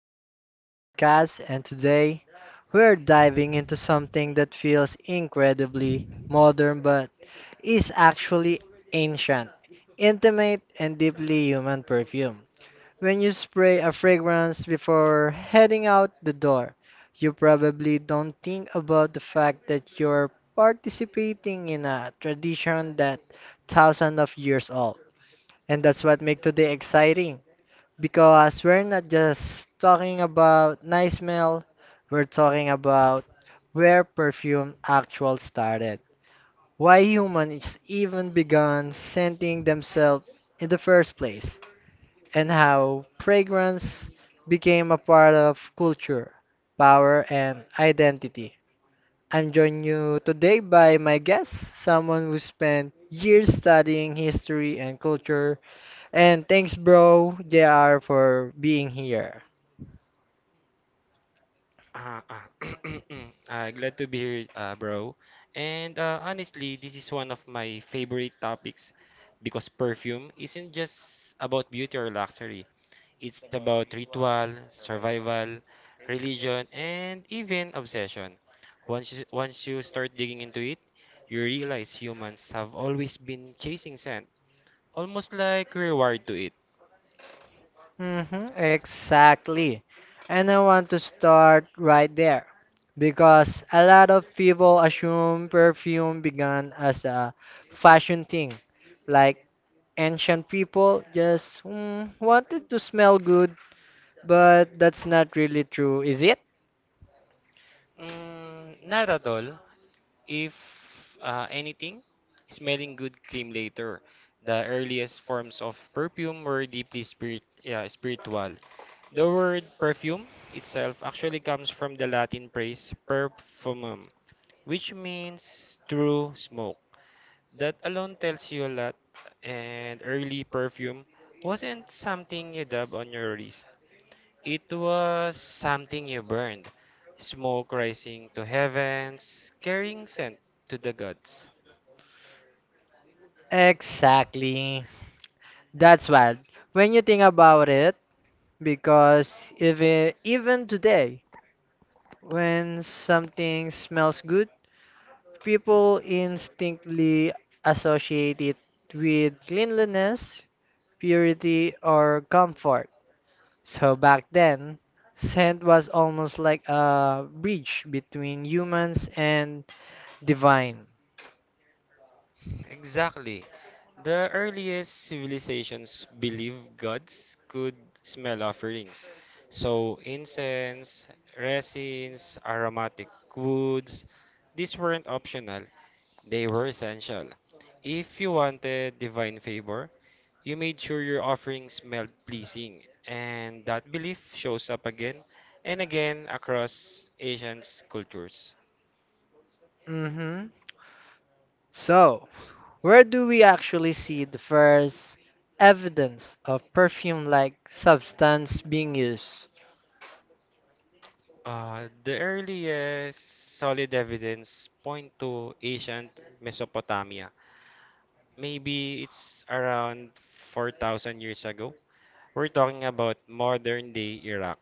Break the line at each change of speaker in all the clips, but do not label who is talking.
everyone, to the podcast. And today we're diving into something that feels incredibly modern but is actually ancient, intimate, and deeply human perfume. When you spray a fragrance before heading out the door, you probably don't think about the fact that you're participating in a tradition that thousands of years old. And that's what makes today exciting because we're not just talking about nice smell, we're talking about where perfume actual started, why humans even began scenting themselves in the first place, and how fragrance became a part of culture, power, and identity. I'm joined you today by my guest, someone who spent years studying history and culture. And thanks, bro, JR, for being here.
Uh, uh, glad to be here, bro. And honestly, this is one of my favorite topics because perfume isn't just about beauty or luxury. It's about ritual, survival, religion, and even obsession. Once you start digging into it, you realize humans have always been chasing scent, almost like we're wired to it.
Hmm, exactly. And I want to start right there because a lot of people assume perfume began as a fashion thing. Like ancient people just wanted to smell good, but that's not really true, is it?
Mm, not at all. If anything, smelling good came later. The earliest forms of perfume were deeply spiritual. The word perfume itself actually comes from the Latin phrase perfumum, which means true smoke. That alone tells you a lot, and early perfume wasn't something you dab on your wrist. It was something you burned, smoke rising to heavens, carrying scent to the gods.
Exactly. That's wild. When you think about it, because if it- even today, when something smells good, people instinctively associate it with cleanliness, purity, or comfort. So back then, scent was almost like a bridge between humans and divine.
Exactly. The earliest civilizations believed gods could smell offerings. So, incense, resins, aromatic woods, these weren't optional, they were essential. If you wanted divine favor, you made sure your offering smelled pleasing, and that belief shows up again and again across Asian cultures.
Hmm. So, where do we actually see the first evidence of perfume like substance being used?
The earliest solid evidence point to ancient Mesopotamia. Maybe it's around 4,000 years ago. We're talking about modern-day Iraq.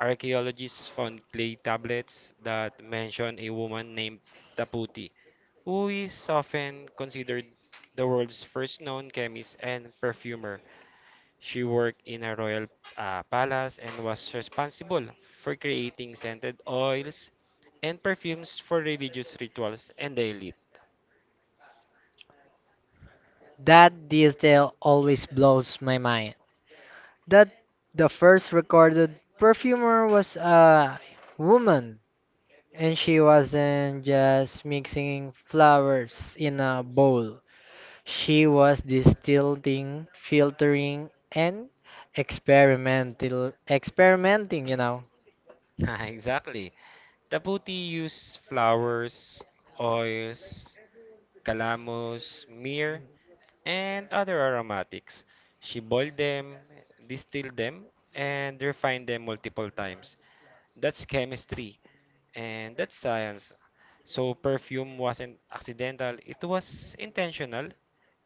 Archaeologists found clay tablets that mention a woman named Taputi, who is often considered the world's first known chemist and perfumer. She worked in a royal palace and was responsible for creating scented oils and perfumes for religious rituals and the elite.
That detail always blows my mind, that the first recorded perfumer was a woman, and she wasn't just mixing flowers in a bowl. She was distilling, filtering, and experimental experimenting, you know.
Exactly. Taputi used flowers, oils, calamus, myrrh, and other aromatics. She boiled them, distilled them, and refined them multiple times. That's chemistry, and that's science. So perfume wasn't accidental, it was intentional,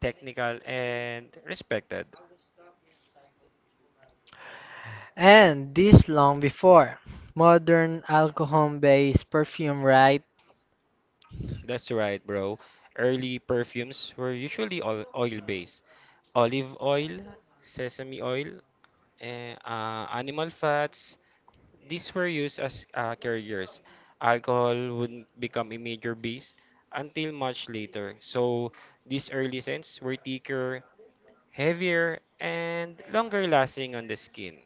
technical, and respected.
And this long before modern alcohol-based perfume, right?
That's right, bro. Early perfumes were usually all oil-based. Olive oil, sesame oil, and animal fats. These were used as carriers. Alcohol wouldn't become a major base until much later. So these early scents were thicker, heavier, and longer lasting on the skin.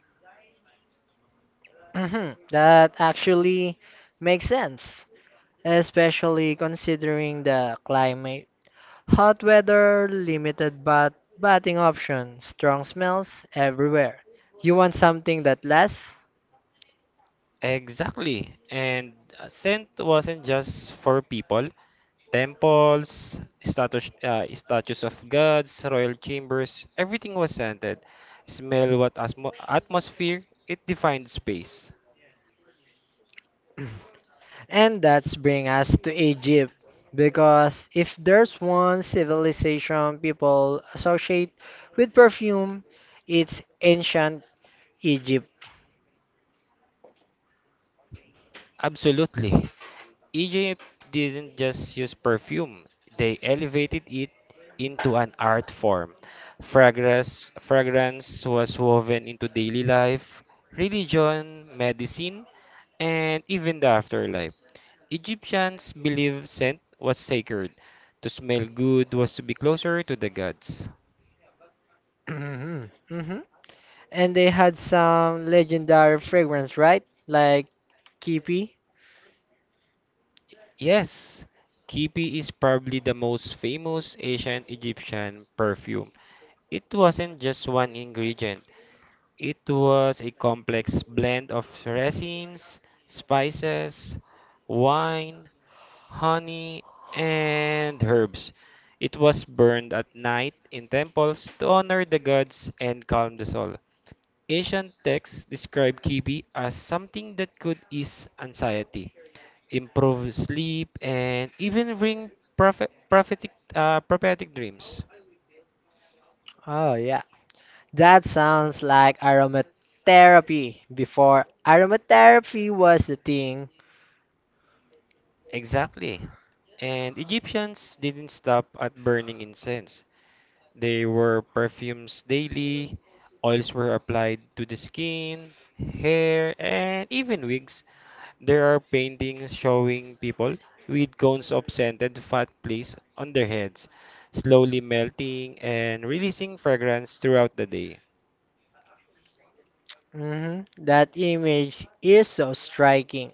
Mhm. That actually makes sense, especially considering the climate. Hot weather, limited batting options, strong smells everywhere. You want something that lasts?
Exactly. And scent wasn't just for people. Temples, statues of gods, royal chambers, everything was scented. Smell atmosphere, it defined space.
And that's bring us to Egypt. Because if there's one civilization people associate with perfume, it's ancient Egypt.
Absolutely. Egypt didn't just use perfume, they elevated it into an art form. Fragrance was woven into daily life, religion, medicine, and even the afterlife. Egyptians believed scent was sacred. To smell good was to be closer to the gods.
Mhm. And they had some legendary fragrance, right? Like Kipi.
Yes, Kipi is probably the most famous ancient Egyptian perfume. It wasn't just one ingredient, it was a complex blend of resins, spices, wine, honey, and herbs. It was burned at night in temples to honor the gods and calm the soul. Ancient texts describe kibi as something that could ease anxiety, improve sleep, and even bring prophetic dreams.
Oh yeah, that sounds like aromatherapy before aromatherapy was the thing.
Exactly. And Egyptians didn't stop at burning incense. They were perfumes daily, oils were applied to the skin, hair, and even wigs. There are paintings showing people with cones of scented fat placed on their heads, slowly melting and releasing fragrance throughout the day.
Mhm. That image is so striking.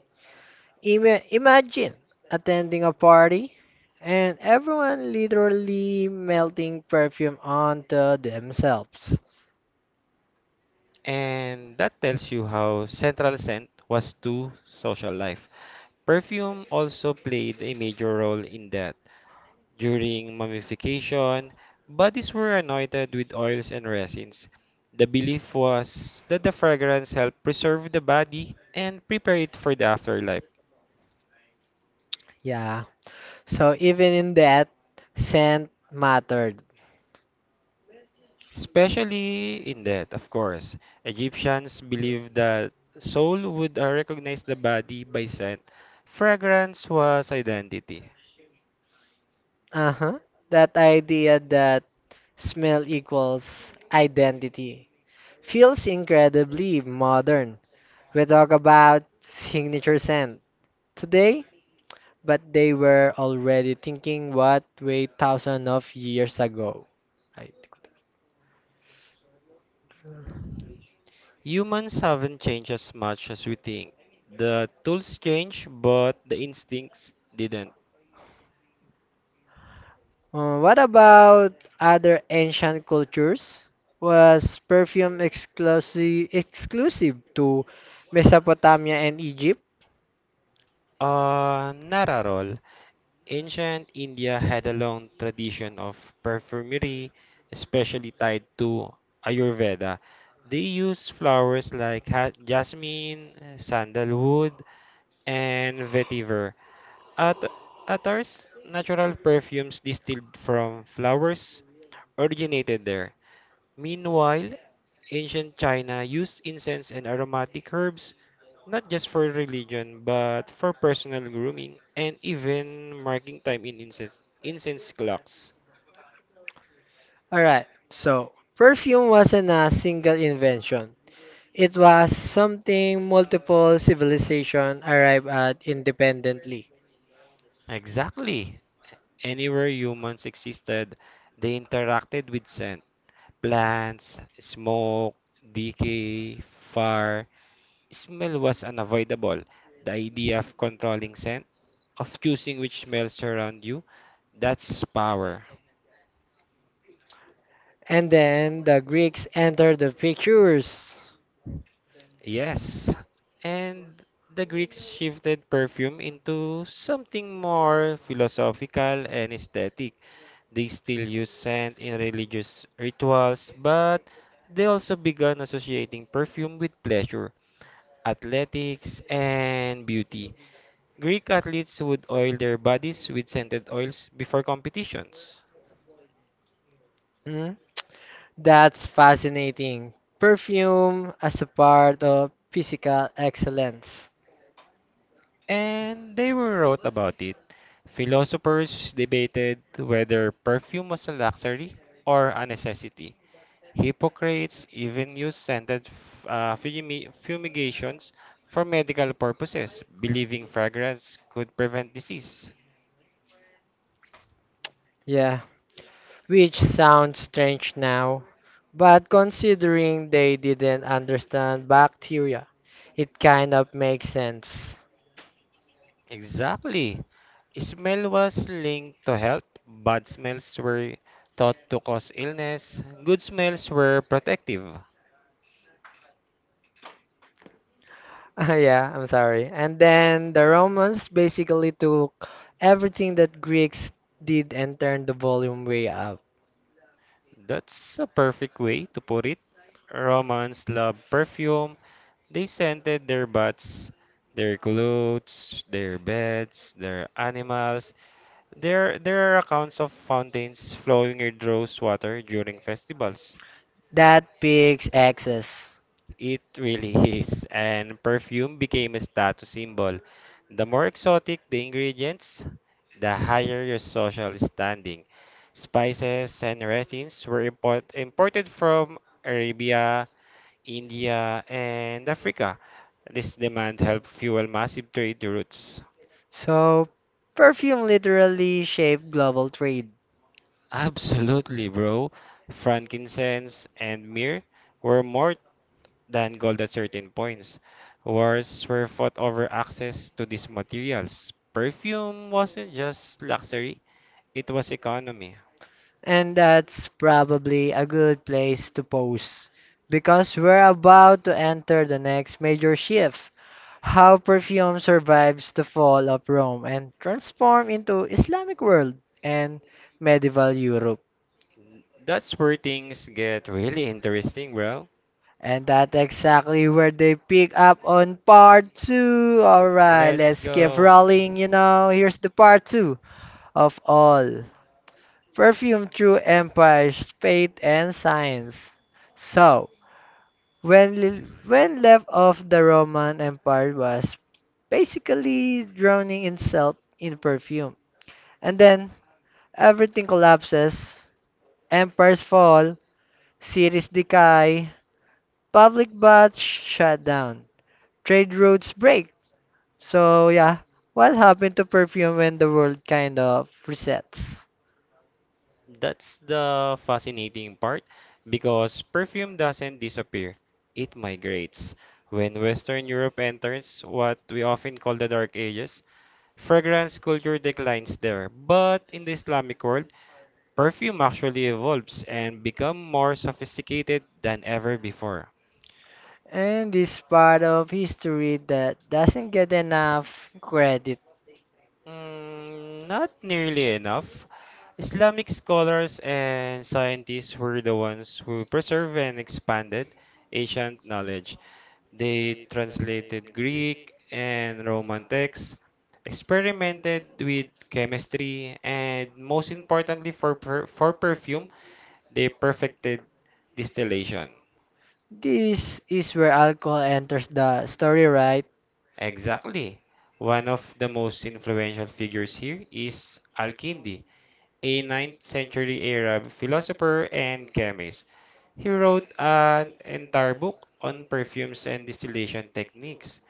Imagine attending a party and everyone literally melting perfume onto themselves.
And that tells you how central scent was to social life. Perfume also played a major role in that. During mummification, bodies were anointed with oils and resins. The belief was that the fragrance helped preserve the body and prepare it for the afterlife,
Yeah. So even in that, scent mattered.
especially in death, of course. Egyptians believed that soul would recognize the body by scent. Fragrance was identity.
Uh-huh. That idea that smell equals identity feels incredibly modern. We talk about signature scent today, but they were already thinking what way thousands of years ago. I-
Humans haven't changed as much as we think. The tools change, but the instincts didn't.
What about other ancient cultures? Was perfume exclusive to Mesopotamia and Egypt?
Not at all. Ancient India had a long tradition of perfumery, especially tied to Ayurveda. They used flowers like jasmine, sandalwood, and vetiver. At Atar's natural perfumes distilled from flowers originated there. Meanwhile, ancient China used incense and aromatic herbs not just for religion, but for personal grooming and even marking time in incense clocks.
All right. So, perfume wasn't a single invention. It was something multiple civilizations arrived at independently.
Exactly. Anywhere humans existed, they interacted with scent. Plants, smoke, decay, fire. Smell was unavoidable. The idea of controlling scent, of choosing which smells surround you, that's power.
And then the Greeks entered the pictures.
Yes, and the Greeks shifted perfume into something more philosophical and aesthetic. They still use scent in religious rituals, but they also began associating perfume with pleasure, athletics, and beauty. Greek athletes would oil their bodies with scented oils before competitions.
Mm, that's fascinating. Perfume as a part of physical excellence.
And they wrote about it. Philosophers debated whether perfume was a luxury or a necessity. Hippocrates even used scented fumigations for medical purposes, believing fragrance could prevent disease.
Yeah, which sounds strange now, but considering they didn't understand bacteria, it kind of makes sense.
Exactly. Smell was linked to health. Bad smells were thought to cause illness. Good smells were protective.
Yeah, I'm sorry. And then the Romans basically took everything that Greeks did and turned the volume way up.
That's a perfect way to put it. Romans love perfume. They scented their butts, their clothes, their beds, their animals. There are accounts of fountains flowing with rose water during festivals.
That pigs excess.
It really is, and perfume became a status symbol. The more exotic the ingredients, the higher your social standing. Spices and resins were imported from Arabia, India, and Africa. This demand helped fuel massive trade routes.
So, perfume literally shaped global trade.
Absolutely, bro. Frankincense and myrrh were more than gold at certain points. Wars were fought over access to these materials. Perfume wasn't just luxury, it was economy.
And that's probably a good place to pause because we're about to enter the next major shift how perfume survives the fall of Rome and transform into Islamic world and medieval Europe.
That's where things get really interesting, bro.
And that's exactly where they pick up on part two. Alright,
Let's
let's keep
go.
rolling. You know, here's the part two of all Perfume Through Empires, Faith and Science. So, when left off, the Roman Empire was basically drowning itself in perfume. And then, everything collapses, empires fall, cities decay, public baths shut down, trade routes break. So, yeah, what happened to perfume when the world kind of resets?
That's the fascinating part because perfume doesn't disappear, it migrates. When Western Europe enters what we often call the Dark Ages, fragrance culture declines there. But in the Islamic world, perfume actually evolves and becomes more sophisticated than ever before.
And this part of history that doesn't get enough credit.
Mm, not nearly enough. Islamic scholars and scientists were the ones who preserved and expanded ancient knowledge. They translated Greek and Roman texts, experimented with chemistry, and most importantly for perfume, they perfected distillation.
This is where alcohol enters the story, right?
Exactly. One of the most influential figures here is Al-Kindi, a 9th century Arab philosopher and chemist. He wrote an entire book on perfumes and distillation techniques,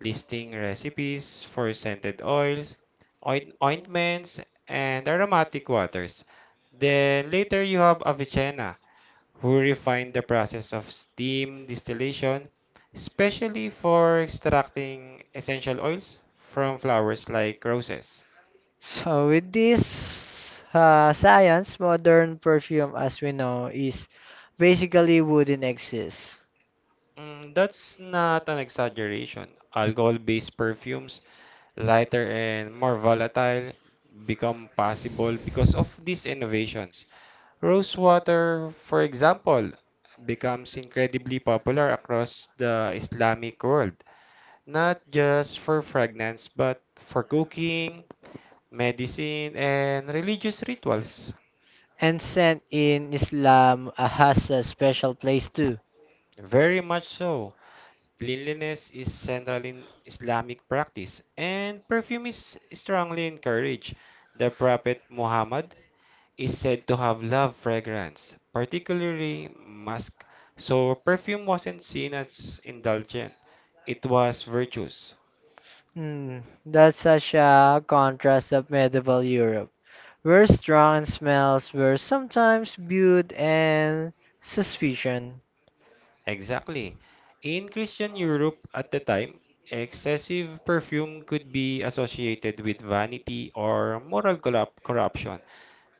listing recipes for scented oils, ointments, and aromatic waters. Then later you have Avicenna, who refined the process of steam distillation, especially for extracting essential oils from flowers like roses.
So with this science, modern perfume as we know is basically wouldn't exist.
Mm, that's not an exaggeration. Alcohol-based perfumes, lighter and more volatile, become possible because of these innovations. Rose water, for example, becomes incredibly popular across the Islamic world, not just for fragrance, but for cooking, medicine, and religious rituals.
And scent in Islam has a special place too.
Very much so. Cleanliness is central in Islamic practice, and perfume is strongly encouraged. The Prophet Muhammad is said to have love fragrance, particularly musk, so perfume wasn't seen as indulgent, it was virtuous.
Hmm, that's such a contrast of medieval Europe, where strong and smells were sometimes viewed and suspicion.
Exactly. In Christian Europe at the time, excessive perfume could be associated with vanity or moral corruption.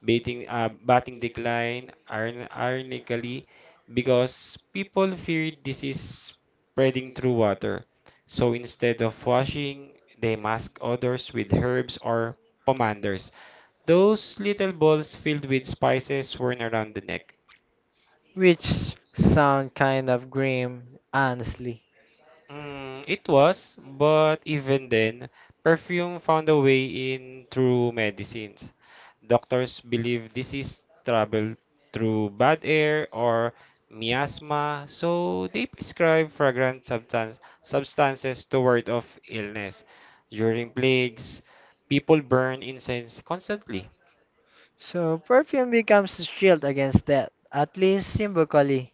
Batting decline ironically because people feared disease spreading through water. So instead of washing, they mask odors with herbs or pomanders. Those little balls filled with spices worn around the neck.
Which sound kind of grim, honestly.
Mm, it was, but even then, perfume found a way in through medicines. Doctors believe disease traveled through bad air or miasma, so they prescribe substances to ward off illness. During plagues, people burn incense constantly.
So perfume becomes a shield against that, at least symbolically.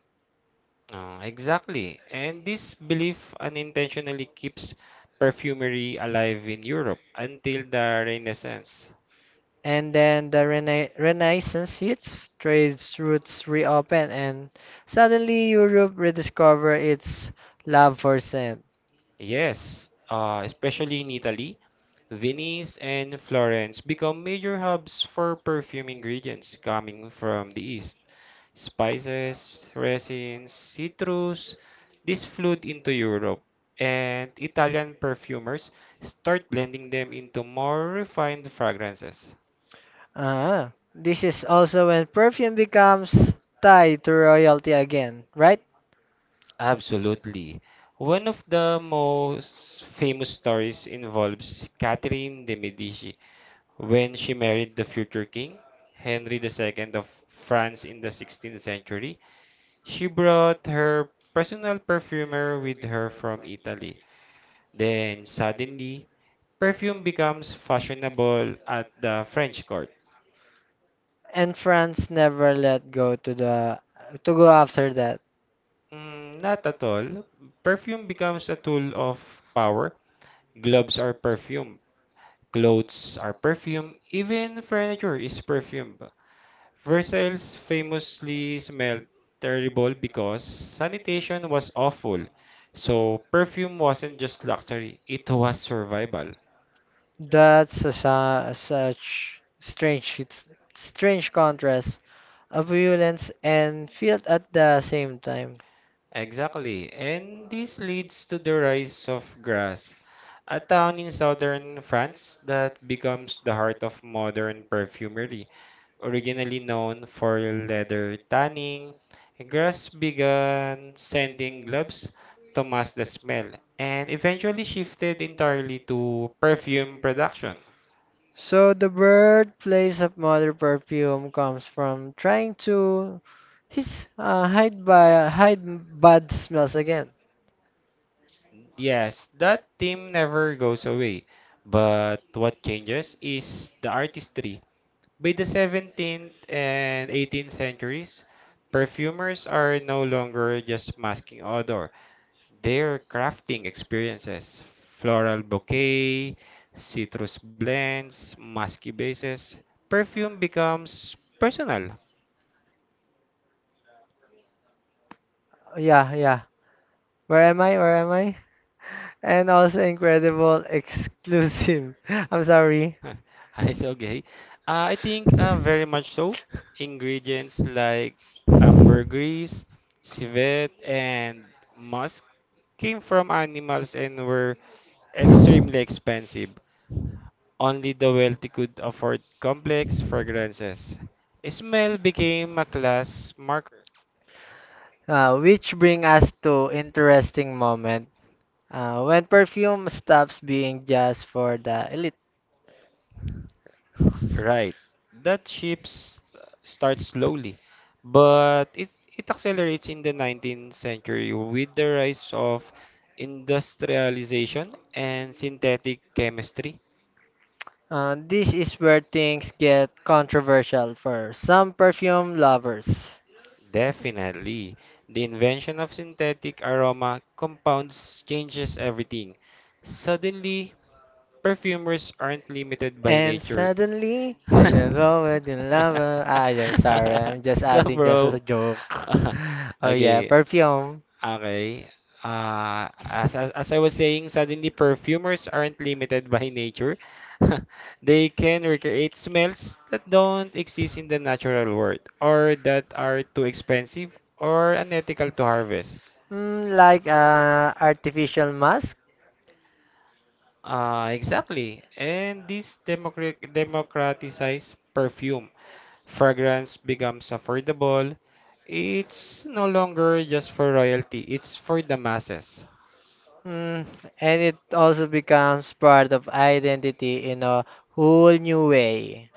Exactly, and this belief unintentionally keeps perfumery alive in Europe until the Renaissance.
And then the Renaissance hits, trade routes reopen, and suddenly Europe rediscover its love for scent.
Yes, especially in Italy, Venice and Florence become major hubs for perfume ingredients coming from the East. Spices, resins, citrus, this flowed into Europe, and Italian perfumers start blending them into more refined fragrances.
Ah, this is also when perfume becomes tied to royalty again, right?
Absolutely. One of the most famous stories involves Catherine de' Medici, when she married the future king, Henry II of France in the 16th century. She brought her personal perfumer with her from Italy. Then suddenly, perfume becomes fashionable at the French court.
And France never let go to the to go after that.
Mm, not at all. Perfume becomes a tool of power. Gloves are perfume. Clothes are perfume. Even furniture is perfume. Versailles famously smelled terrible because sanitation was awful. So perfume wasn't just luxury, it was survival.
That's a, such strange, it's strange contrast, a violence and field at the same time.
Exactly. And this leads to the rise of Grasse, a town in southern France that becomes the heart of modern perfumery. Originally known for leather tanning, Grass began sending gloves to mask the smell and eventually shifted entirely to perfume production.
So the birthplace of modern perfume comes from trying to his hide by hide bad smells again.
Yes, that theme never goes away, but what changes is the artistry. By the 17th and 18th centuries, perfumers are no longer just masking odor. Their crafting experiences, floral bouquet, citrus blends, musky bases, perfume becomes personal.
Yeah, yeah. Where am I? Where am I? And also incredible exclusive. I'm sorry.
It's okay. I think very much so. Ingredients like ambergris, civet, and musk came from animals and were extremely expensive. Only the wealthy could afford complex fragrances. Smell became a class marker.
Which bring us to interesting moment. When perfume stops being just for the elite.
Right. That ships starts slowly, but it accelerates in the 19th century with the rise of industrialization and synthetic chemistry.
This is where things get controversial for some perfume lovers.
Definitely. The invention of synthetic aroma compounds changes everything. Suddenly, perfumers aren't limited by
And
nature.
suddenly, in a moment in love, I'm sorry, I'm just
So,
adding just as a
bro,
joke. Oh yeah,
okay,
perfume,
okay. As I was saying, suddenly perfumers aren't limited by nature. They can recreate smells that don't exist in the natural world, or that are too expensive or unethical to harvest.
mm, like artificial mask,
Exactly. And this democratizes perfume. Fragrance becomes affordable. It's no longer just for royalty, it's for the masses.
mm, and it also becomes part of identity in a whole new way.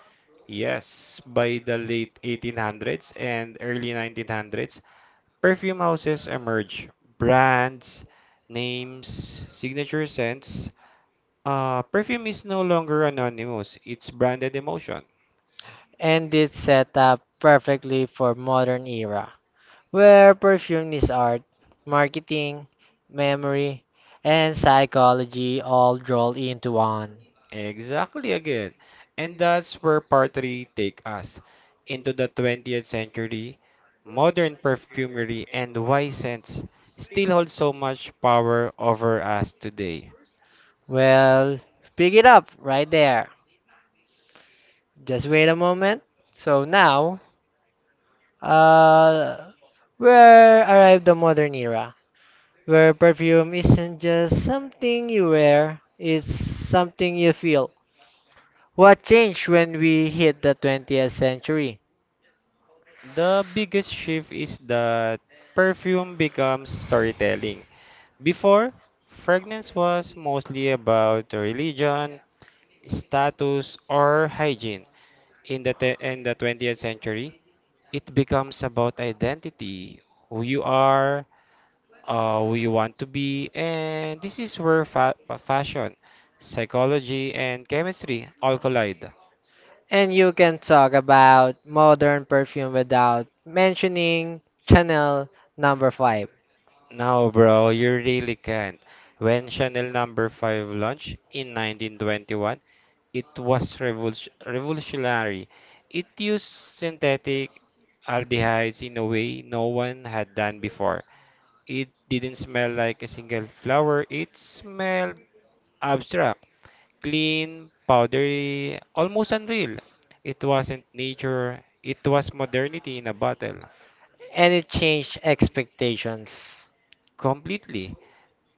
Yes, by the late 1800s and early 1900s, perfume houses emerge. Brands, names, signature scents. Perfume is no longer anonymous, it's branded emotion.
And it's set up perfectly for modern era, where perfume is art, marketing, memory, and psychology all rolled into one.
Exactly again. And that's where part three take us into the 20th century, modern perfumery and why scents still hold so much power over us today.
Well, pick it up right there. Just wait a moment. So now, uh, where arrived the modern era, where perfume isn't just something you wear, it's something you feel. What changed when we hit the 20th century?
The biggest shift is that perfume becomes storytelling. Before, fragrance was mostly about religion, status, or hygiene. In the 20th century, it becomes about identity, who you are, who you want to be, and this is where fashion, psychology, and chemistry all collide.
And you can talk about modern perfume without mentioning Chanel number 5.
No, bro, you really can't. When Chanel number 5 launched in 1921, it was revolutionary. It used synthetic aldehydes in a way no one had done before. It didn't smell like a single flower, it smelled abstract, clean, powdery, almost unreal. It wasn't nature, it was modernity in a bottle.
And it changed expectations,
Completely.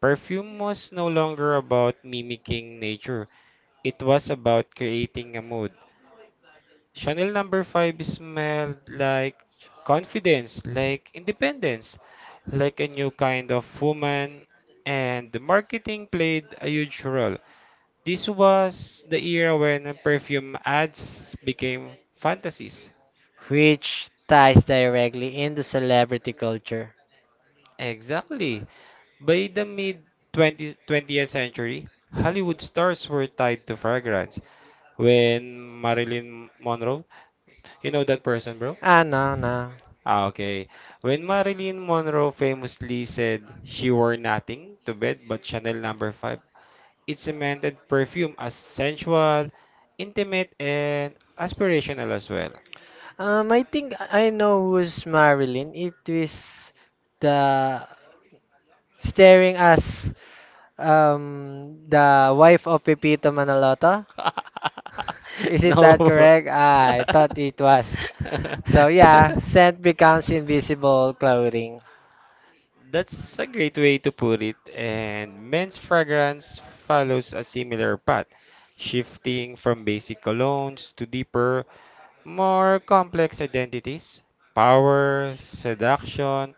Perfume was no longer about mimicking nature. It was about creating a mood. Chanel number 5 smelled like confidence, like independence, like a new kind of woman, and the marketing played a huge role. This was the era when perfume ads became fantasies.
which ties directly into celebrity culture.
Exactly. By the mid 20th century, Hollywood stars were tied to fragrance. When Marilyn Monroe, you know that person, bro?
Ah, no, no.
Ah, okay. When Marilyn Monroe famously said she wore nothing to bed but Chanel number 5, it cemented perfume as sensual, intimate, and aspirational as well.
I think I know who's Marilyn. It is the staring as the wife of Pepito Manaloto. Is it
No,
that
bro.
correct? Ah, I thought it was. So yeah, scent becomes invisible clothing.
That's a great way to put it, and men's fragrance follows a similar path, shifting from basic colognes to deeper, more complex identities, power, seduction,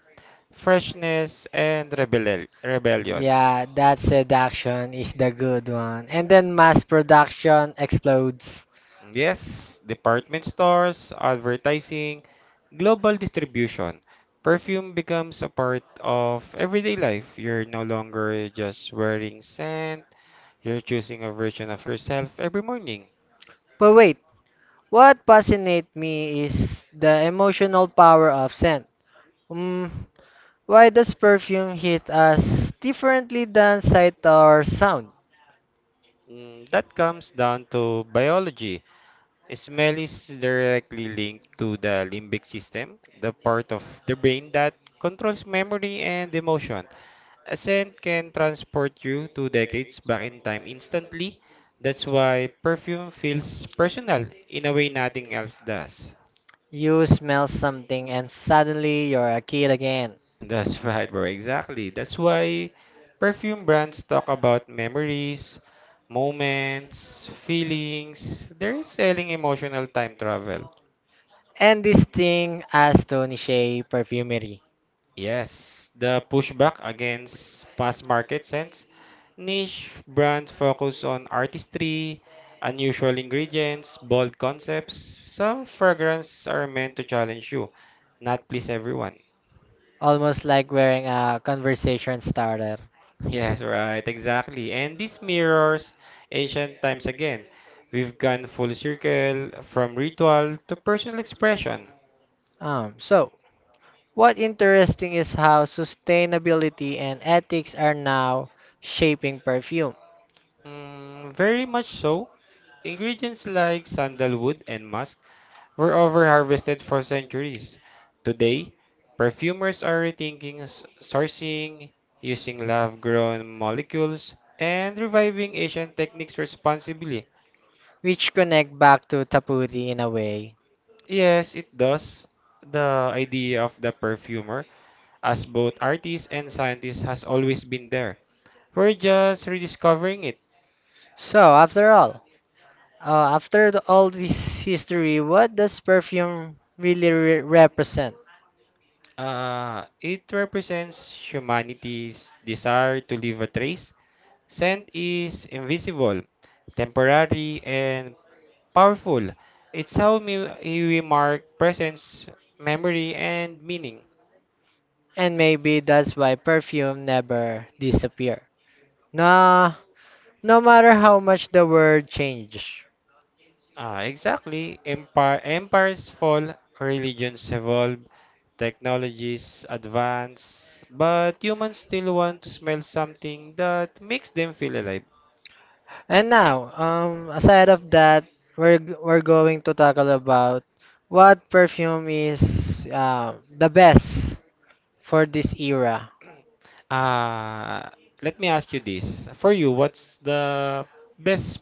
freshness, and rebellion.
Yeah, that seduction is the good one. And then mass production explodes.
Yes, department stores, advertising, global distribution. Perfume becomes a part of everyday life. You're no longer just wearing scent. You're choosing a version of yourself every morning.
But wait, what fascinates me is the emotional power of scent. Mm, why does perfume hit us differently than sight or sound?
Mm, that comes down to biology. Smell is directly linked to the limbic system, the part of the brain that controls memory and emotion. A scent can transport you two decades back in time instantly. That's why perfume feels personal in a way nothing else does.
You smell something and suddenly you're a kid again.
That's right, bro. Exactly. That's why perfume brands talk about memories, moments, feelings. They're selling emotional time travel.
And this thing as Tony Shea Perfumery.
Yes, the pushback against past market scents. Niche brands focus on artistry, unusual ingredients, bold concepts. Some fragrances are meant to challenge you, not please everyone.
Almost like wearing a conversation starter.
Yes, right, exactly. And this mirrors ancient times again. We've gone full circle from ritual to personal expression.
So, what interesting is how sustainability and ethics are now shaping perfume,
Mm, very much so. Ingredients like sandalwood and musk were overharvested for centuries. Today, perfumers are rethinking sourcing, using lab grown molecules, and reviving ancient techniques responsibly.
which connect back to Tapuri in a way.
Yes, it does. The idea of the perfumer as both artists and scientists has always been there. We're just rediscovering it.
So, after all, after the, all this history, what does perfume really represent?
It represents humanity's desire to leave a trace. Scent is invisible, temporary, and powerful. It's how we mark presence, memory, and meaning.
And maybe that's why perfume never disappear. Nah, no matter how much the world changes.
Ah, exactly. Empires fall, religions evolve, technologies advance, but humans still want to smell something that makes them feel alive.
And now, aside of that, we're going to tackle about what perfume is the best for this era.
Uh, Let me ask you this. For you, what's the best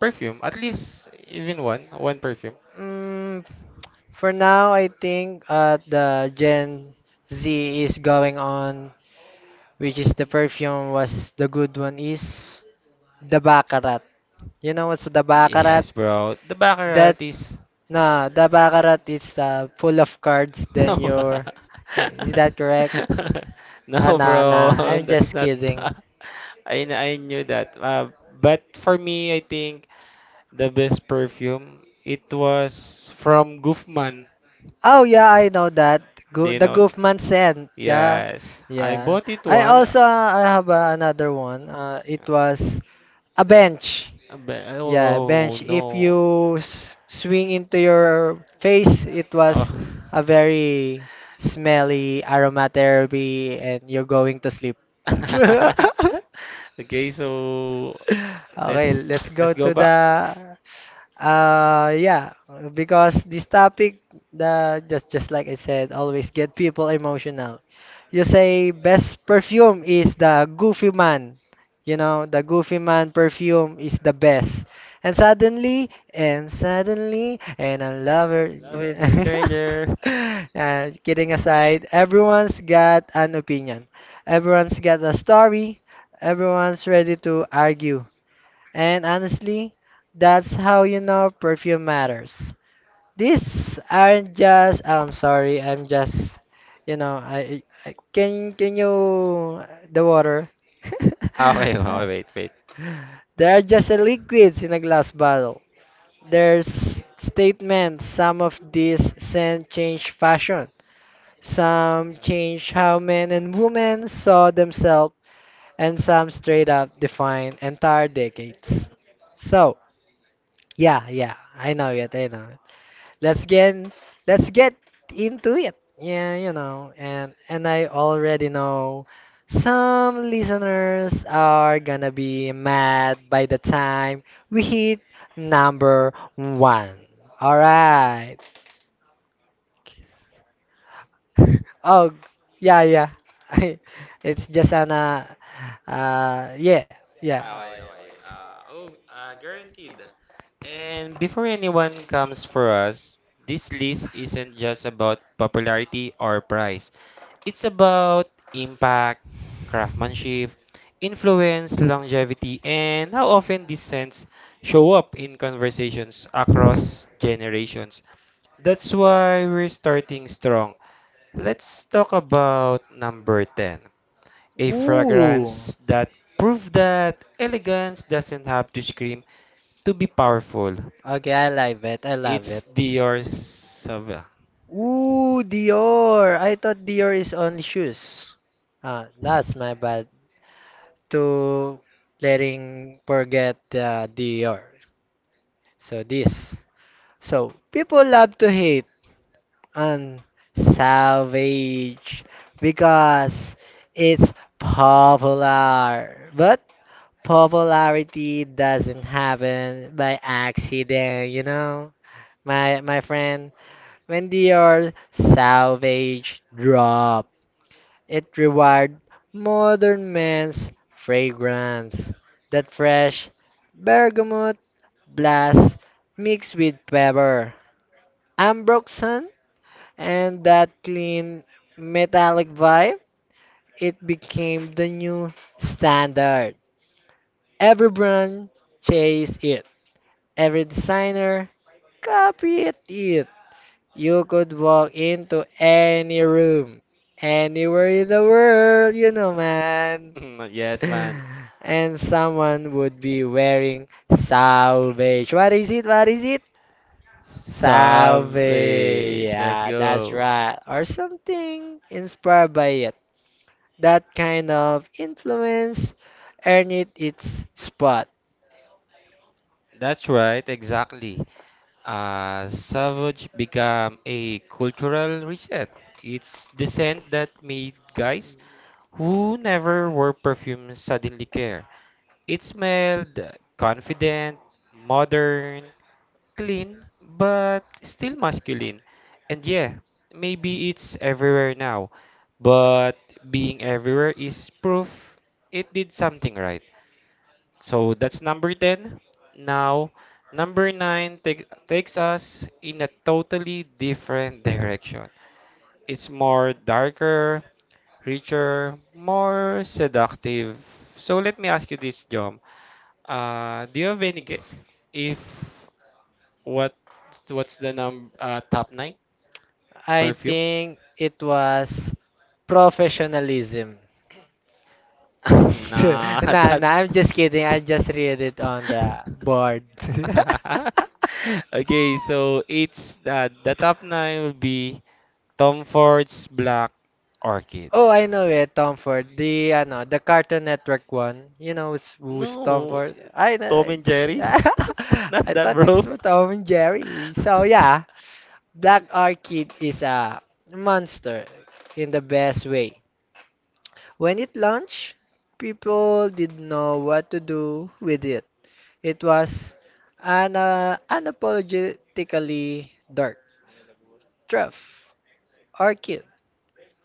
perfume? At least even one perfume.
Mm, for now, I think the Gen Z is going on, which is the perfume was the good one is the Baccarat. You know what's the Baccarat?
Yes, bro. The
That
Baccarat is—
no, the Baccarat is full of cards. Then your is that correct? Ah,
No,
nah, nah.
bro,
I'm
that's
just
not.
kidding.
I knew that. But for me, I think the best perfume it was from Gufman.
Oh, yeah, I know that.
Do
Go
you
the
know?
Goofman scent. Yeah,
Yes, I
yeah.
bought it once.
I have another one. It was a bench.
But oh,
Yeah,
oh, oh,
bench. If
no.
you s swing into your face, it
Oh.
was a very smelly aromatherapy, and you're going to sleep.
Okay, so
Okay,
let's
let's go
let's go
to
back.
the yeah, because this topic, the just like I said, always get people emotional. You say best perfume is the Goofy Man. You know, the Goofy Man perfume is the best. And suddenly, and I love her.
Coffee to stranger.
Kidding aside, everyone's got an opinion. Everyone's got a story. Everyone's ready to argue. And honestly, that's how you know perfume matters. These aren't just oh, I'm sorry, I'm just you know, I can you the water?
Ah, okay, okay, wait, wait.
They are just liquids in a glass bottle. There's statements. Some of these scent change fashion. Some change how men and women saw themselves, and some straight up define entire decades. So, yeah, yeah, I know it, Let's get let's get into it. Yeah, you know, and I already know some listeners are gonna be mad by the time we hit number one. All right. Oh, yeah, yeah. It's just an yeah, yeah.
Ah, okay, okay. Oh, Guaranteed. And before anyone comes for us, this list isn't just about popularity or price. It's about impact, craftsmanship, influence, longevity, and how often these scents show up in conversations across generations. That's why we're starting strong. Let's talk about number 10, a
Ooh.
fragrance that proved that elegance doesn't have to scream to be powerful.
Okay, I love it. I love
It's
it.
Dior Sauvage.
Ooh, Dior. I thought Dior is on shoes. Ah, that's my bad. To letting forget Dior. So this. So people love to hate on Savage because it's popular. But popularity doesn't happen by accident, you know? My friend, when Dior Savage drop. It rewired modern men's fragrance, that fresh bergamot blast mixed with pepper, ambroxan, and that clean metallic vibe. It became the new standard. Every brand chased it. Every designer copied it. You could walk into any room, anywhere in the world, you know, man.
Yes, man.
And someone would be wearing salvage. What is it? What is it? Salvage.
Savage. Let's
Yeah, that's
go.
right. Or something inspired by it. That kind of influence earned it its spot.
That's right, exactly. Savage became a cultural reset. It's the scent that made guys who never wore perfume suddenly care. It smelled confident, modern, clean, but still masculine. And yeah, maybe it's everywhere now, but being everywhere is proof it did something right. So that's number 10. Now, takes us in a totally different direction. It's more darker, richer, more seductive. So let me ask you this, Jom. Do you have any guess if what what's the num top nine
I
perfume?
think it was professionalism.
Nah,
Nah,
that.
nah, I'm just kidding. I just read it on the board.
Okay, so it's that the top nine will be Tom Ford's Black Orchid.
Oh, I know it, Tom Ford. The ano, the Cartoon Network one. You know it's who's Tom
No,
Ford. I know.
Tom and Jerry, not
I
that,
thought it's
bro.
for Tom and Jerry. So yeah, Black Orchid is a monster in the best way. When it launched, people didn't know what to do with it. It was an unapologetically dark, truff, orchid,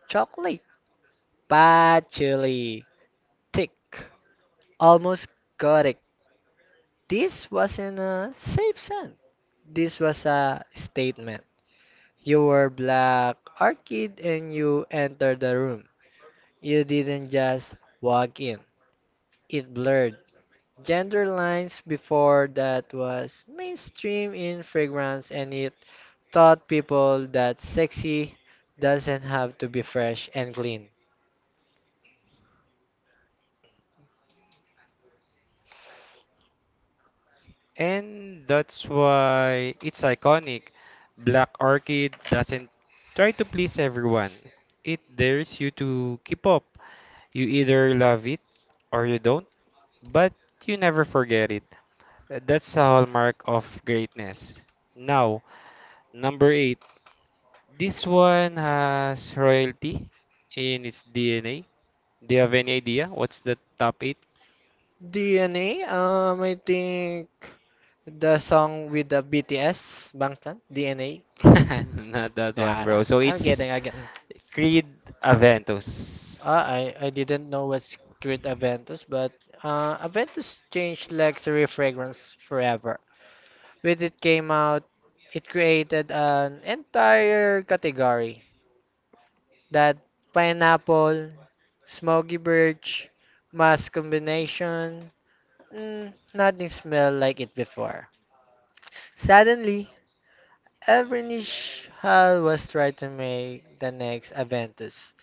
chocolate, patchouli, thick. Almost correct. This wasn't a safe send. This was a statement. You were black orchid and you entered the room. You didn't just walk in. It blurred gender lines before that was mainstream in fragrance and it taught people that sexy doesn't have to be fresh and clean.
And that's why it's iconic. Black Orchid doesn't try to please everyone. It dares you to keep up. You either love it or you don't. But you never forget it. That's a hallmark of greatness. Now, number eight. This one has royalty in its DNA. Do you have any idea what's the top eight?
DNA, I think the song with the BTS, Bangtan, DNA.
Not that one,
Yeah,
bro.
nah,
So
I'm
it's
kidding again.
Creed
Uh,
Aventus.
I I didn't know what's Creed Aventus, but Aventus changed luxury fragrance forever. When it came out, it created an entire category that pineapple, smoky birch, musk combination. Nothing smelled like it before. Suddenly, every niche hall was trying to make the next Aventus.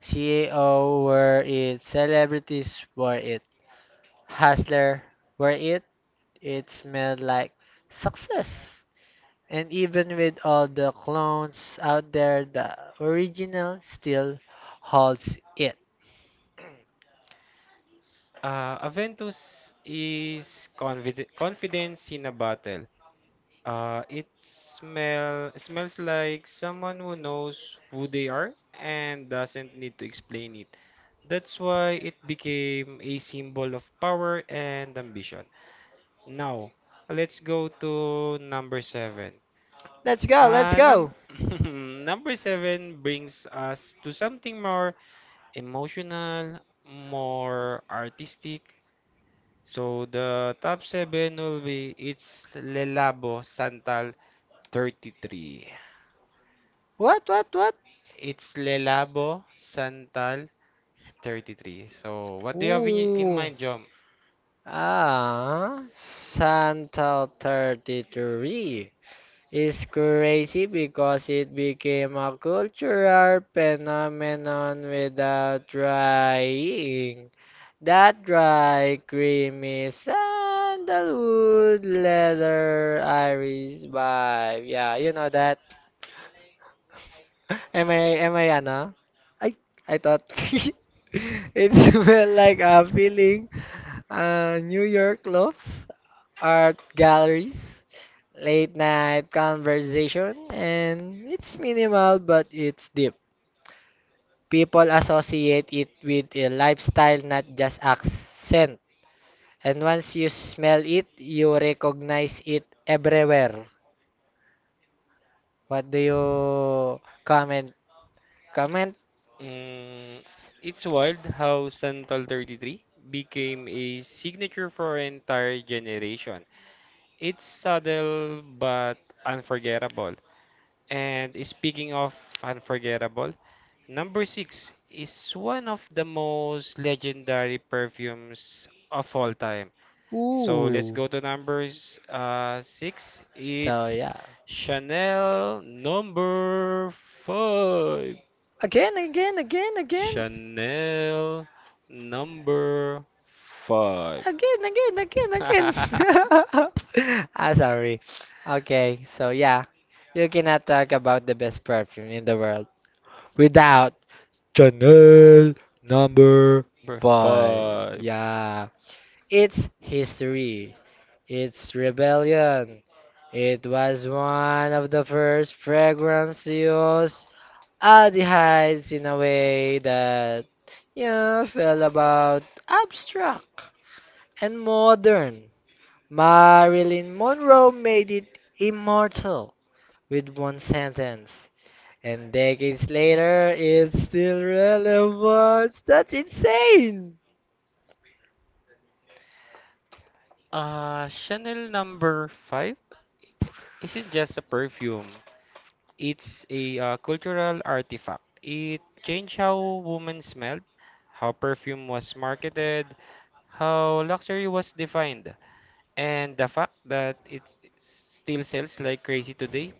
CAO were it, celebrities were it, hustler were it, it smelled like success. And even with all the clones out there, the original still holds it.
Aventus is convid confidence in a bottle. Uh, it smells like someone who knows who they are and doesn't need to explain it. That's why it became a symbol of power and ambition. Now, let's go to number seven.
Let's go, let's
Num
go.
Number seven brings us to something more emotional, more artistic. So the top seven will be it's Lelabo Santal 33.
What, what?
It's Lelabo Santal 33. So what do you have in
Ooh.
mind, Jom?
Ah, Santa 33. It's crazy because it became a cultural phenomenon without trying. That dry, creamy sandalwood leather Irish vibe. Yeah, you know that. Ano? I, I thought it smelled like a feeling. New York lofts, art galleries. Late night conversation, and it's minimal but it's deep. People associate it with a lifestyle, not just accent. And once you smell it, you recognize it everywhere. What do you comment? Comment?
Mm, it's wild how Santal 33 became a signature for an entire generation. It's subtle but unforgettable. And speaking of unforgettable, number 6 is one of the most legendary perfumes of all time. So let's
Ooh.
go to numbers 6.
So
It's
yeah.
Chanel number 5.
Again, again, again, again.
Chanel number five.
Again, again, again, again. ah, sorry. Okay, so yeah, you cannot talk about the best perfume in the world without Chanel number
Number
five.
five.
Yeah, it's history. It's rebellion. It was one of the first fragrances to use aldehydes in a way that felt about abstract and modern. Marilyn Monroe made it immortal with one sentence, and decades later it's still relevant. That's insane!
Chanel number five isn't just a perfume. It's a cultural artifact. It changed how women smelled, how perfume was marketed, how luxury was defined, and the fact that it still sells like crazy today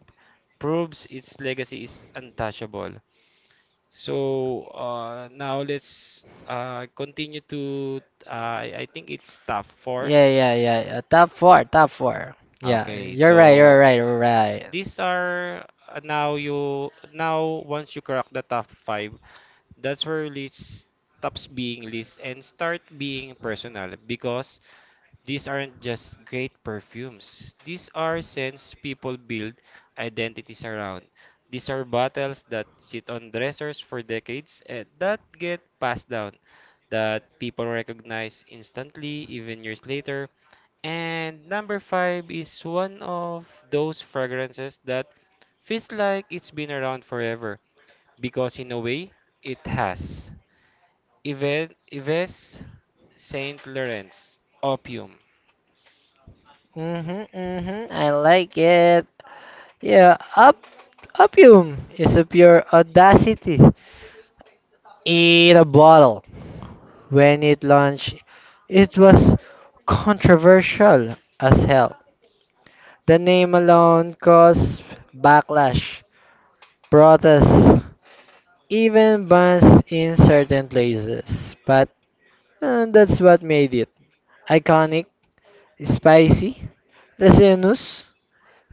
proves its legacy is untouchable. So now let's continue to— Uh, I think it's tab four.
Yeah, yeah, yeah, yeah. Top four, top four. Yeah,
Okay,
you're right,
so
you're right, you're right.
these are— now you now once you crack the top five, that's where list stops being list and start being personal because these aren't just great perfumes. These are scents people build identities around. These are battles that sit on dressers for decades and that get passed down, that people recognize instantly, even years later. And number five is one of those fragrances that feels like it's been around forever, because in a way, it has. Yves Saint Laurent's Opium—
Mm-hmm, mm-hmm. I like it. Yeah, up, opium is a pure audacity in a bottle. When it launched, it was controversial as hell. The name alone caused backlash, protests, even bans in certain places. But that's what made it iconic, spicy, resinous,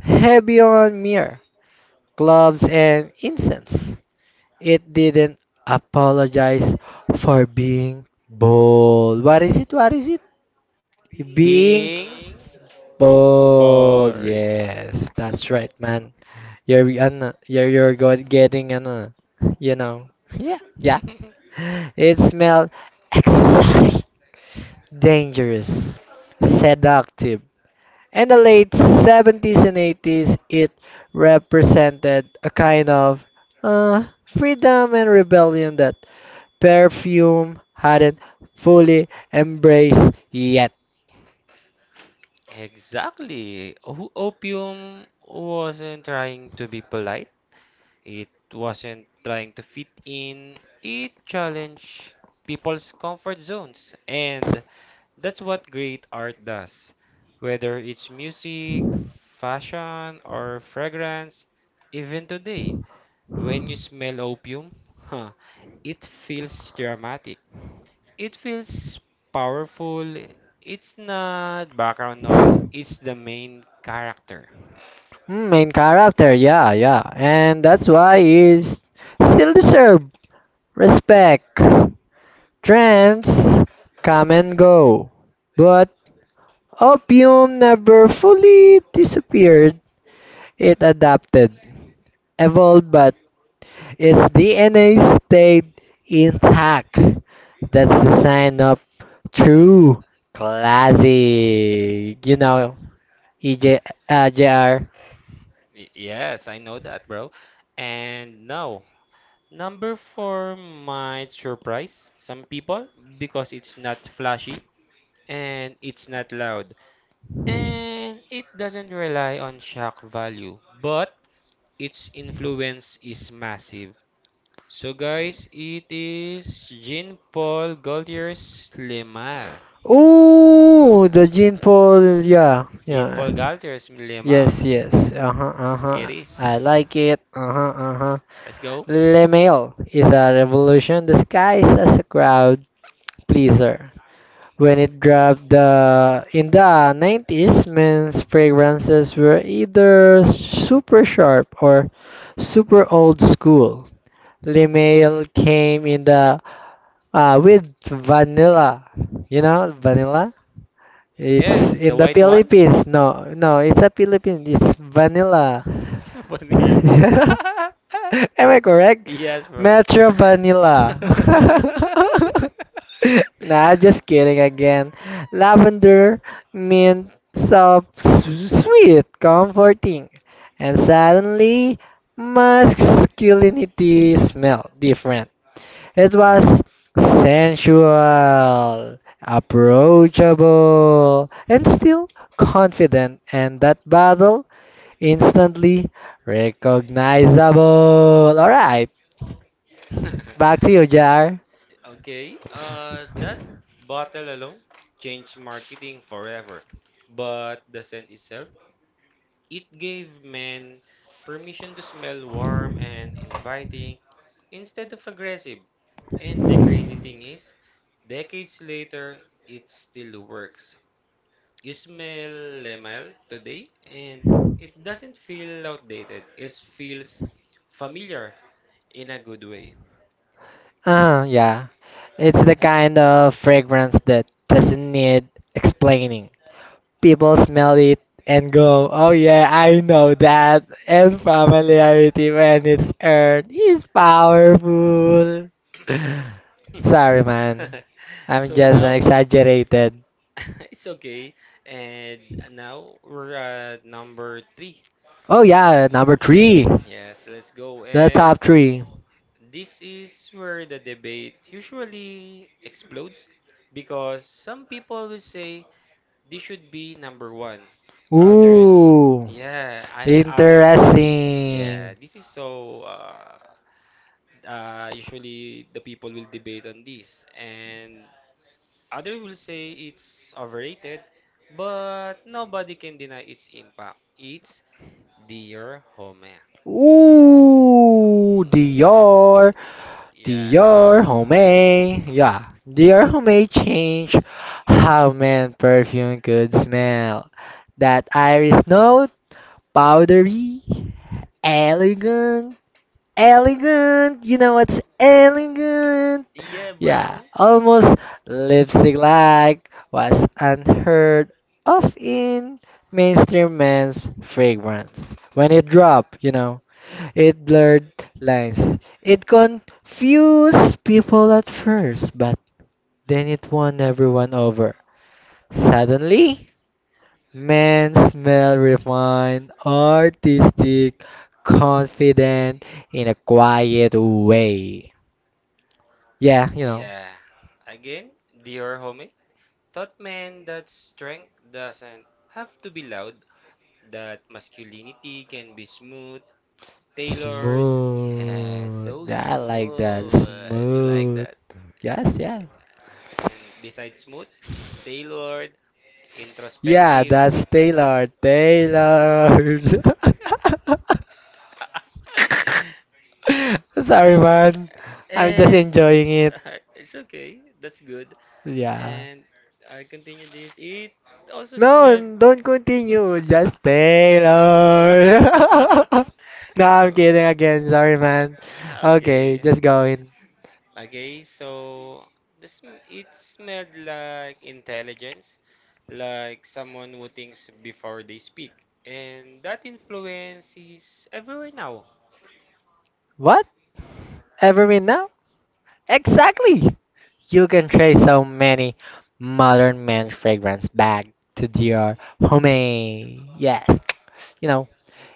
heavy on mirror, gloves, and incense. It didn't apologize for being bold. What is it? What is it? Being
being
Ball.
boring.
Yes, that's right, man. You're an, you're got getting an, you know, yeah, yeah. It smelled exotic, dangerous, seductive. In the late 70s and 80s, it represented a kind of uh, freedom and rebellion that perfume hadn't fully embraced yet.
Exactly. Opium wasn't trying to be polite. It wasn't trying to fit in. It challenged people's comfort zones. And that's what great art does. Whether it's music, fashion, or fragrance, even today, when you smell opium, huh, it feels dramatic. It feels powerful. It's not background noise, it's the main character.
Mm, main character, yeah, yeah. And that's why he's still deserve respect. Trends come and go. But opium never fully disappeared. It adapted, evolved, but its DNA stayed intact. That's the sign of true classic. You know, EJ, JR.
Yes, I know that, bro. And now, number four might surprise some people because it's not flashy and it's not loud. And it doesn't rely on shock value, but its influence is massive. So, guys, it is Jean Paul Gaultier's Le Mal.
Oh, the Jean Paul. Yeah,
Jean
yeah.
Paul Gaultier's dilemma.
Yes, yes. Uh-huh,
It
uh-huh. I
is.
like it. Uh-huh, uh-huh.
Let's go.
Le Mail is a revolution disguised as a crowd pleaser. When it dropped the in the 90s, men's fragrances were either super sharp or super old school. Le Mail came in the with vanilla, vanilla it's
Yes, the
in the
white one.
Philippines. No, no, it's a Philippines. It's vanilla.
Vanilla.
Yeah. Am I correct?
Yes, bro.
Metro Vanilla. nah, just kidding again. Lavender, mint, soft, sweet, comforting. And suddenly, masculinity smell different. It was sensual, approachable, and still confident, and that battle instantly recognizable. Alright, back to you, Jar.
Okay. That bottle alone changed marketing forever. But the scent itself, it gave men permission to smell warm and inviting instead of aggressive. And the crazy thing is, decades later, it still works. You smell lemon today, and it doesn't feel outdated. It feels familiar in a good way.
Yeah. It's the kind of fragrance that doesn't need explaining. People smell it and go, oh yeah, I know that. And familiarity when it's earned is powerful. Sorry, man. I'm
So
just an
now,
exaggerated.
it's okay. And now we're at number three.
Oh yeah, number three.
Yes, let's go.
The
And
top three.
this is where the debate usually explodes because some people will say this should be number one. Others,
Ooh,
yeah, and other, yeah.
interesting.
This is so. Usually the people will debate on this, and others will say it's overrated, but nobody can deny its impact. It's Dear Home.
Ooh, Dior.
Yes.
Dior Homme, yeah, Dior Homme changed how man perfume could smell. That iris note, powdery, elegant, elegant. You know what's elegant?
Yeah,
Yeah,
bro.
almost lipstick-like was unheard of in mainstream men's fragrance. When it dropped, you know. It blurred lines. It confused people at first, but then it won everyone over. Suddenly, men smell refined, artistic, confident in a quiet way. Yeah, you know.
Yeah. Again, Dear Home. Thought man that strength doesn't have to be loud, that masculinity can be smooth, tailored. Yeah, so
Smooth. I like that.
smooth. You like
Smooth.
that?
Yes, yes.
And besides smooth, it's tailored,
Yeah,
introspective.
that's Taylor. Taylor. Sorry, man. I'm just
And
enjoying it.
it's okay. That's good.
Yeah.
And I continue this. It also
No,
smelled.
don't continue. Just Taylor. no, I'm kidding again. Sorry, man. Okay,
Okay.
just going.
Okay, so this it smelled like intelligence, like someone who thinks before they speak, and that influence is everywhere now.
What? Evermint now? Exactly. You can trace so many modern men fragrance back to Dior Homme. Yes. You know,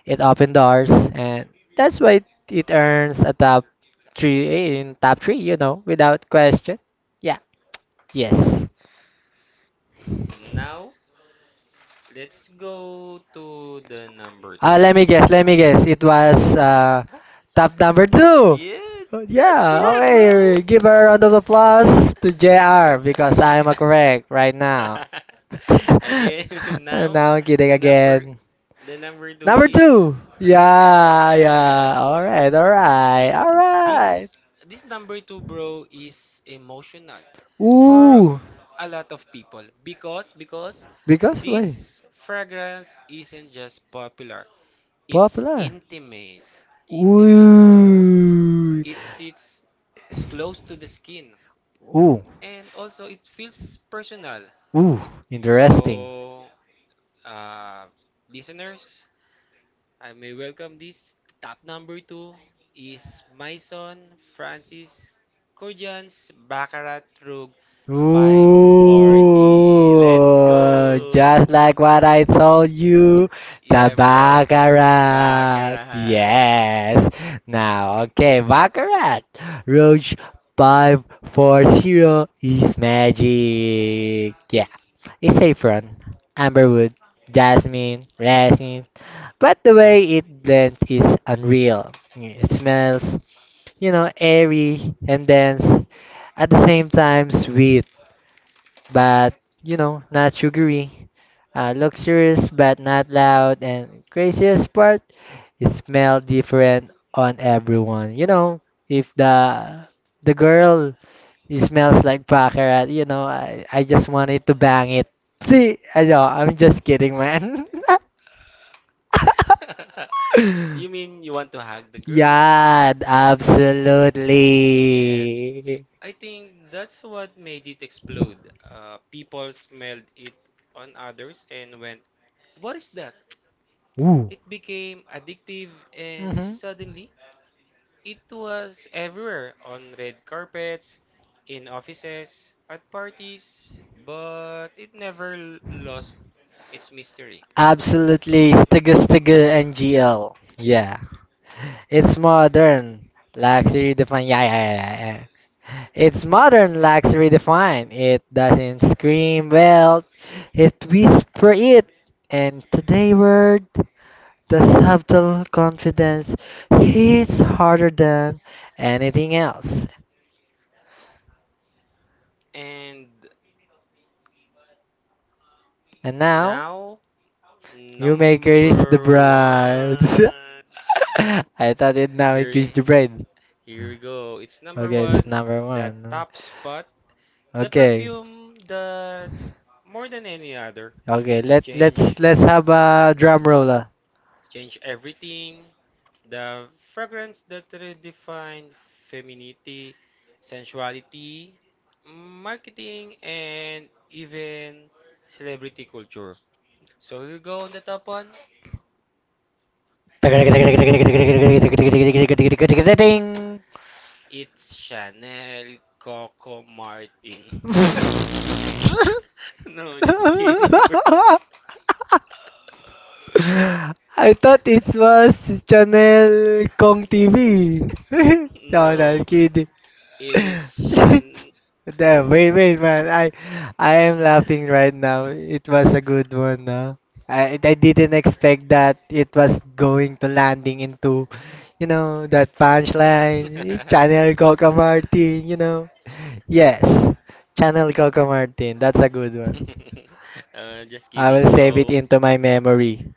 it opened doors, and that's why it earns a top three eh, in top three, you know, without question. Yeah, yes.
Now, let's go to the number two.
Let me guess. It was top number two.
Yes, that's
Yeah,
correct, bro.
okay. Give her a round of applause to JR because I'm
Okay.
correct right now.
Again, now
Now I'm kidding
the number
again.
the number two
Number
is
two.
again.
Yeah,
Yes.
yeah. All right, all right, all
this
right.
this number two bro is emotional for
Ooh,
a lot of people because
because
this
why?
fragrance isn't just popular, it's
Popular?
intimate, intimate bro.
Ooh.
It sits close to the skin
Ooh.
and also it feels personal.
Ooh. Interesting.
So uh, listeners, I may welcome this top number two is my son Francis Corjans. Baccarat Rug
Ooh.
540. Let's
Just
go!
like what I told you, the
Yeah, bro.
Baccarat.
Baccarat.
Yes. Now, okay, Baccarat. Roach 540 is magic. Yeah. It's saffron, amberwood, jasmine, resin, but the way it blends is unreal. It smells, airy and dense, at the same time sweet, but, not sugary. Luxurious but not loud, and craziest part, it smells different on everyone. You know, if the girl it smells like baccarat, you know, I just wanted to bang it. See, I know, I'm just kidding, man.
You mean you want to hug the girl?
Yeah,
Yes.
absolutely.
I think that's what made it explode. People smelled it on others and went, what is that?
Ooh.
It became addictive, and
Mhm.
suddenly it was everywhere: on red carpets, in offices, at parties, but it never lost its mystery.
Absolutely, Stiga Ngl. Yeah, it's modern, luxury defined. Yeah, yeah, yeah, yeah, yeah. It's modern, luxury defined. It doesn't scream well, it whisper it. And today word. The subtle confidence hits harder than anything else.
And
And now,
now,
you may kiss the
number
bride.
one.
I thought it now it
Here,
kiss the bride.
here, we go. It's number
Okay, it's
one,
number
the
one.
top spot, the
Okay,
perfume that, more than any other,
okay. Let
change
let's have a drum roller.
change everything. The fragrance that redefined femininity, sensuality, marketing, and even celebrity culture. So here we go on the top one. It's Chanel Coco Martin. No, just kidding, bro.
I thought it was Channel Kong TV. no, no, I'm
No,
kidding.
it is Chanel.
Damn, wait, man. I am laughing right now. It was a good one, no? I didn't expect that it was going to landing into, you know, that punchline. Channel Coca Martin, you know. Yes, Channel Coca Martin. That's a good one.
Just
I will
kidding.
save it
So,
into my memory,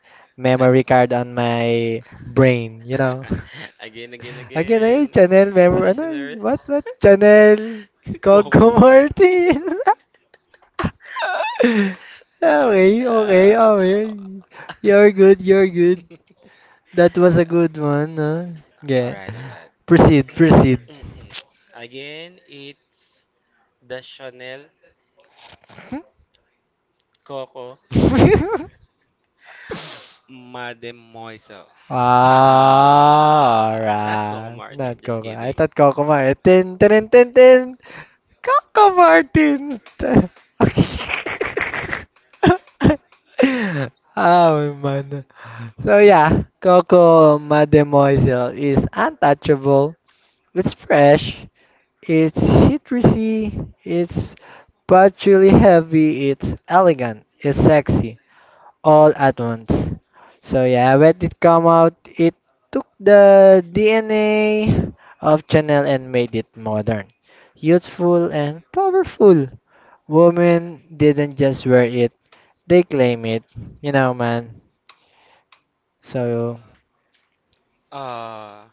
ag-
memory card on my brain, you know.
again,
Channel memory. Ano,
listeners,
what, Channel Coco
Coco Marte.
Martin.
Okay.
okay, okay, okay. You're good, you're good. That was a good one, huh?
All
Yeah.
right, all right.
Proceed, proceed.
Again, it's the Chanel Coco Mademoiselle.
Ah,
Haha, not Coco
alright. Not
Martin, just
Coco. I
kidding.
thought Coco Martin. Tin, tin, tin, tin, tin. Coco Martin. Okay. oh man. So yeah, Coco Mademoiselle is untouchable. It's fresh. It's citrusy. It's patchouli heavy. It's elegant. It's sexy. All at once. So yeah, when it come out, it took the DNA of Chanel and made it modern, youthful, and powerful. Women didn't just wear it, they claim it, you know, man. So,
Uh,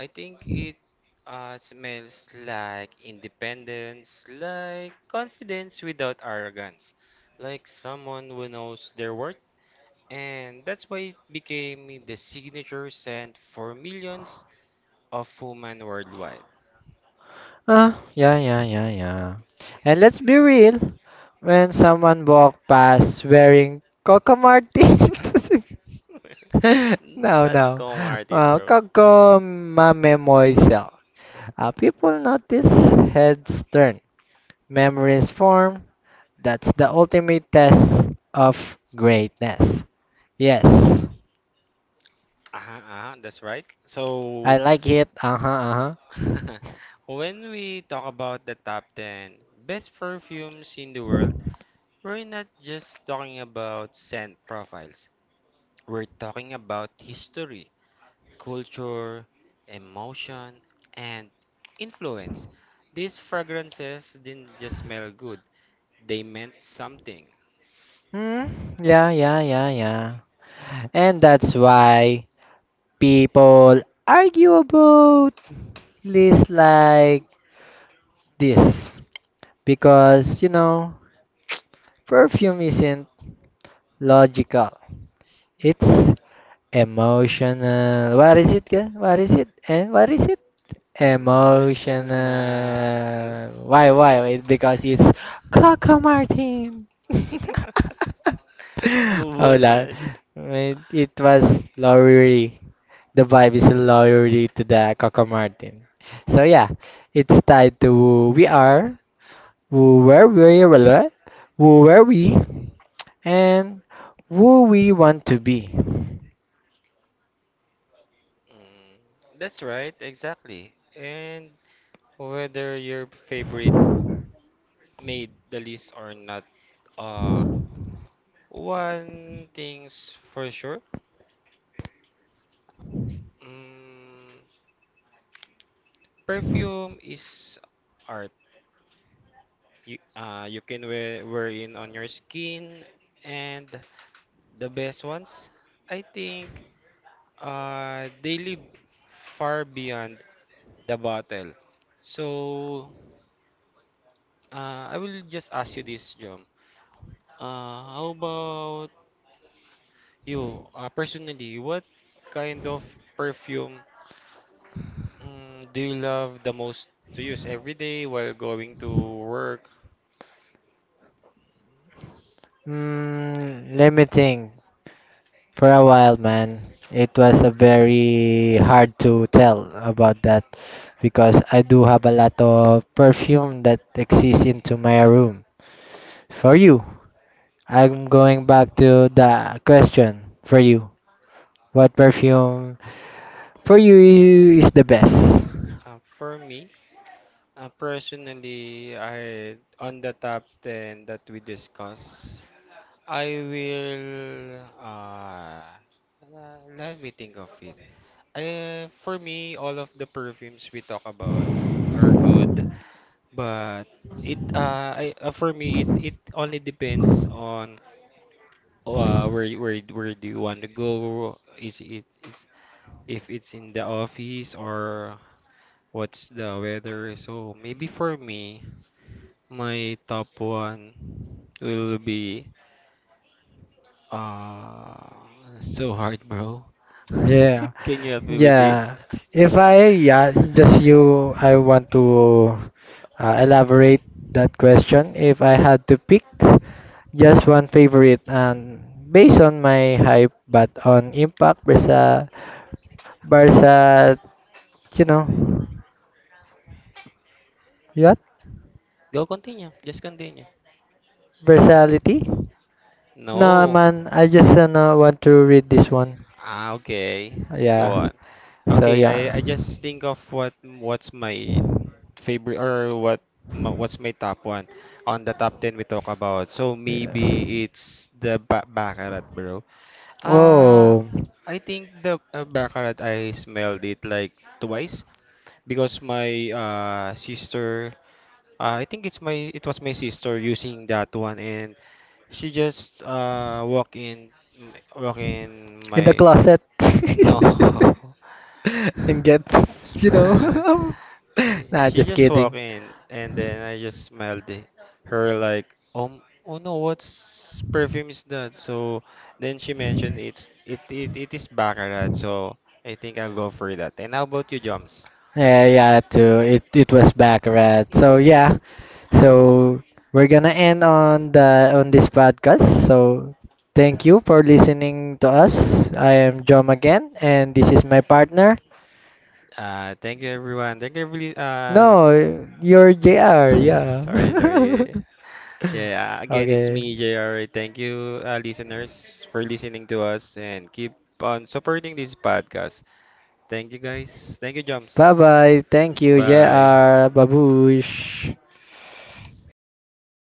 I think it smells like independence, like confidence without arrogance, like someone who knows their worth. And that's why it became the signature scent for millions of women worldwide.
ah, yeah, yeah, yeah, yeah. And let's be real, when someone walked past wearing Coco Martins, no,
Not
no,
Ko Martin, bro.
Coco Mame Moiselle, people notice heads turn, memories form. That's the ultimate test of greatness. Yes,
Uh-huh, uh-huh, that's right.
I
So,
like it. Uh huh, uh huh.
when we talk about the top 10 best perfumes in the world, we're not just talking about scent profiles. We're talking about history, culture, emotion, and influence. These fragrances didn't just smell good, they meant something.
Mm, yeah, yeah, yeah, yeah. And that's why people argue about lists like this. Because, you know, perfume isn't logical. It's emotional. What is it? Ka? What is it? Eh? What is it?
Emotional.
Emotional. Why? Why? It, because it's Coco Martin.
Move on,
Hola.
man.
It was Lowry. The vibe is Lowry to the Coco Martin. So yeah, it's tied to we are, who where we were, who were we, and who we want to be.
Mm, that's right, exactly. And whether your favorite made the list or not, uh, one thing's for sure. Mm, perfume is art. You you can wear in on your skin, and the best ones, I think, they live far beyond the bottle. So I will just ask you this, John. How about you, personally, what kind of perfume, mm, do you love the most to use every day while going to work?
Mm, let me think. For a while, man, it was a very hard to tell about that because I do have a lot of perfume that exists into my room. For you, I'm going back to the question for you. What perfume for you is the best?
For me, personally, I, on the top 10 that we discuss, I will let me think of it. For me, all of the perfumes we talk about are good, but for me it only depends on, where where do you want to go? Is it is if it's in the office, or what's the weather? So maybe for me, my top one will be uh so hard, bro.
Yeah.
Can you help me with this?
Yeah. If I yeah, just you I want to elaborate that question if I had to pick just one favorite and based on my hype but on impact versa versa you know what?
Go continue. Just continue.
Versality? No
No.
man, I just no, want to read this one.
Ah, okay. Go
Yeah.
on.
So
Okay,
yeah.
I just think of what what's my favorite, or what's my top one on the top 10 we talk about. So
Yeah.
maybe it's the ba baccarat, bro.
Oh,
Ah, I think the baccarat, I smelled it like twice because my sister, I think it was my sister using that one, and she just walk in, walk in
in the
my,
closet.
no,
and get, you know. nah,
she
just
just walk
kidding.
in and then I just smelled it. Her like, um, oh no, what's perfume is that? So then she mentioned it's it is baccarat, so I think I'll go for that. And how about you, Joms?
Yeah, yeah, too. It was Baccarat. So yeah, so we're gonna end on the on this podcast. So thank you for listening to us. I am Jom again, and this is my partner.
Thank you everyone. Thank you every,
No, you're JR. Yeah.
sorry, sorry. Yeah, again it's me,
okay.
JR. Thank you, listeners, for listening to us, and keep on supporting this podcast. Thank you guys. Thank you, Jumps.
Bye bye. Thank you,
Bye.
JR. Babush.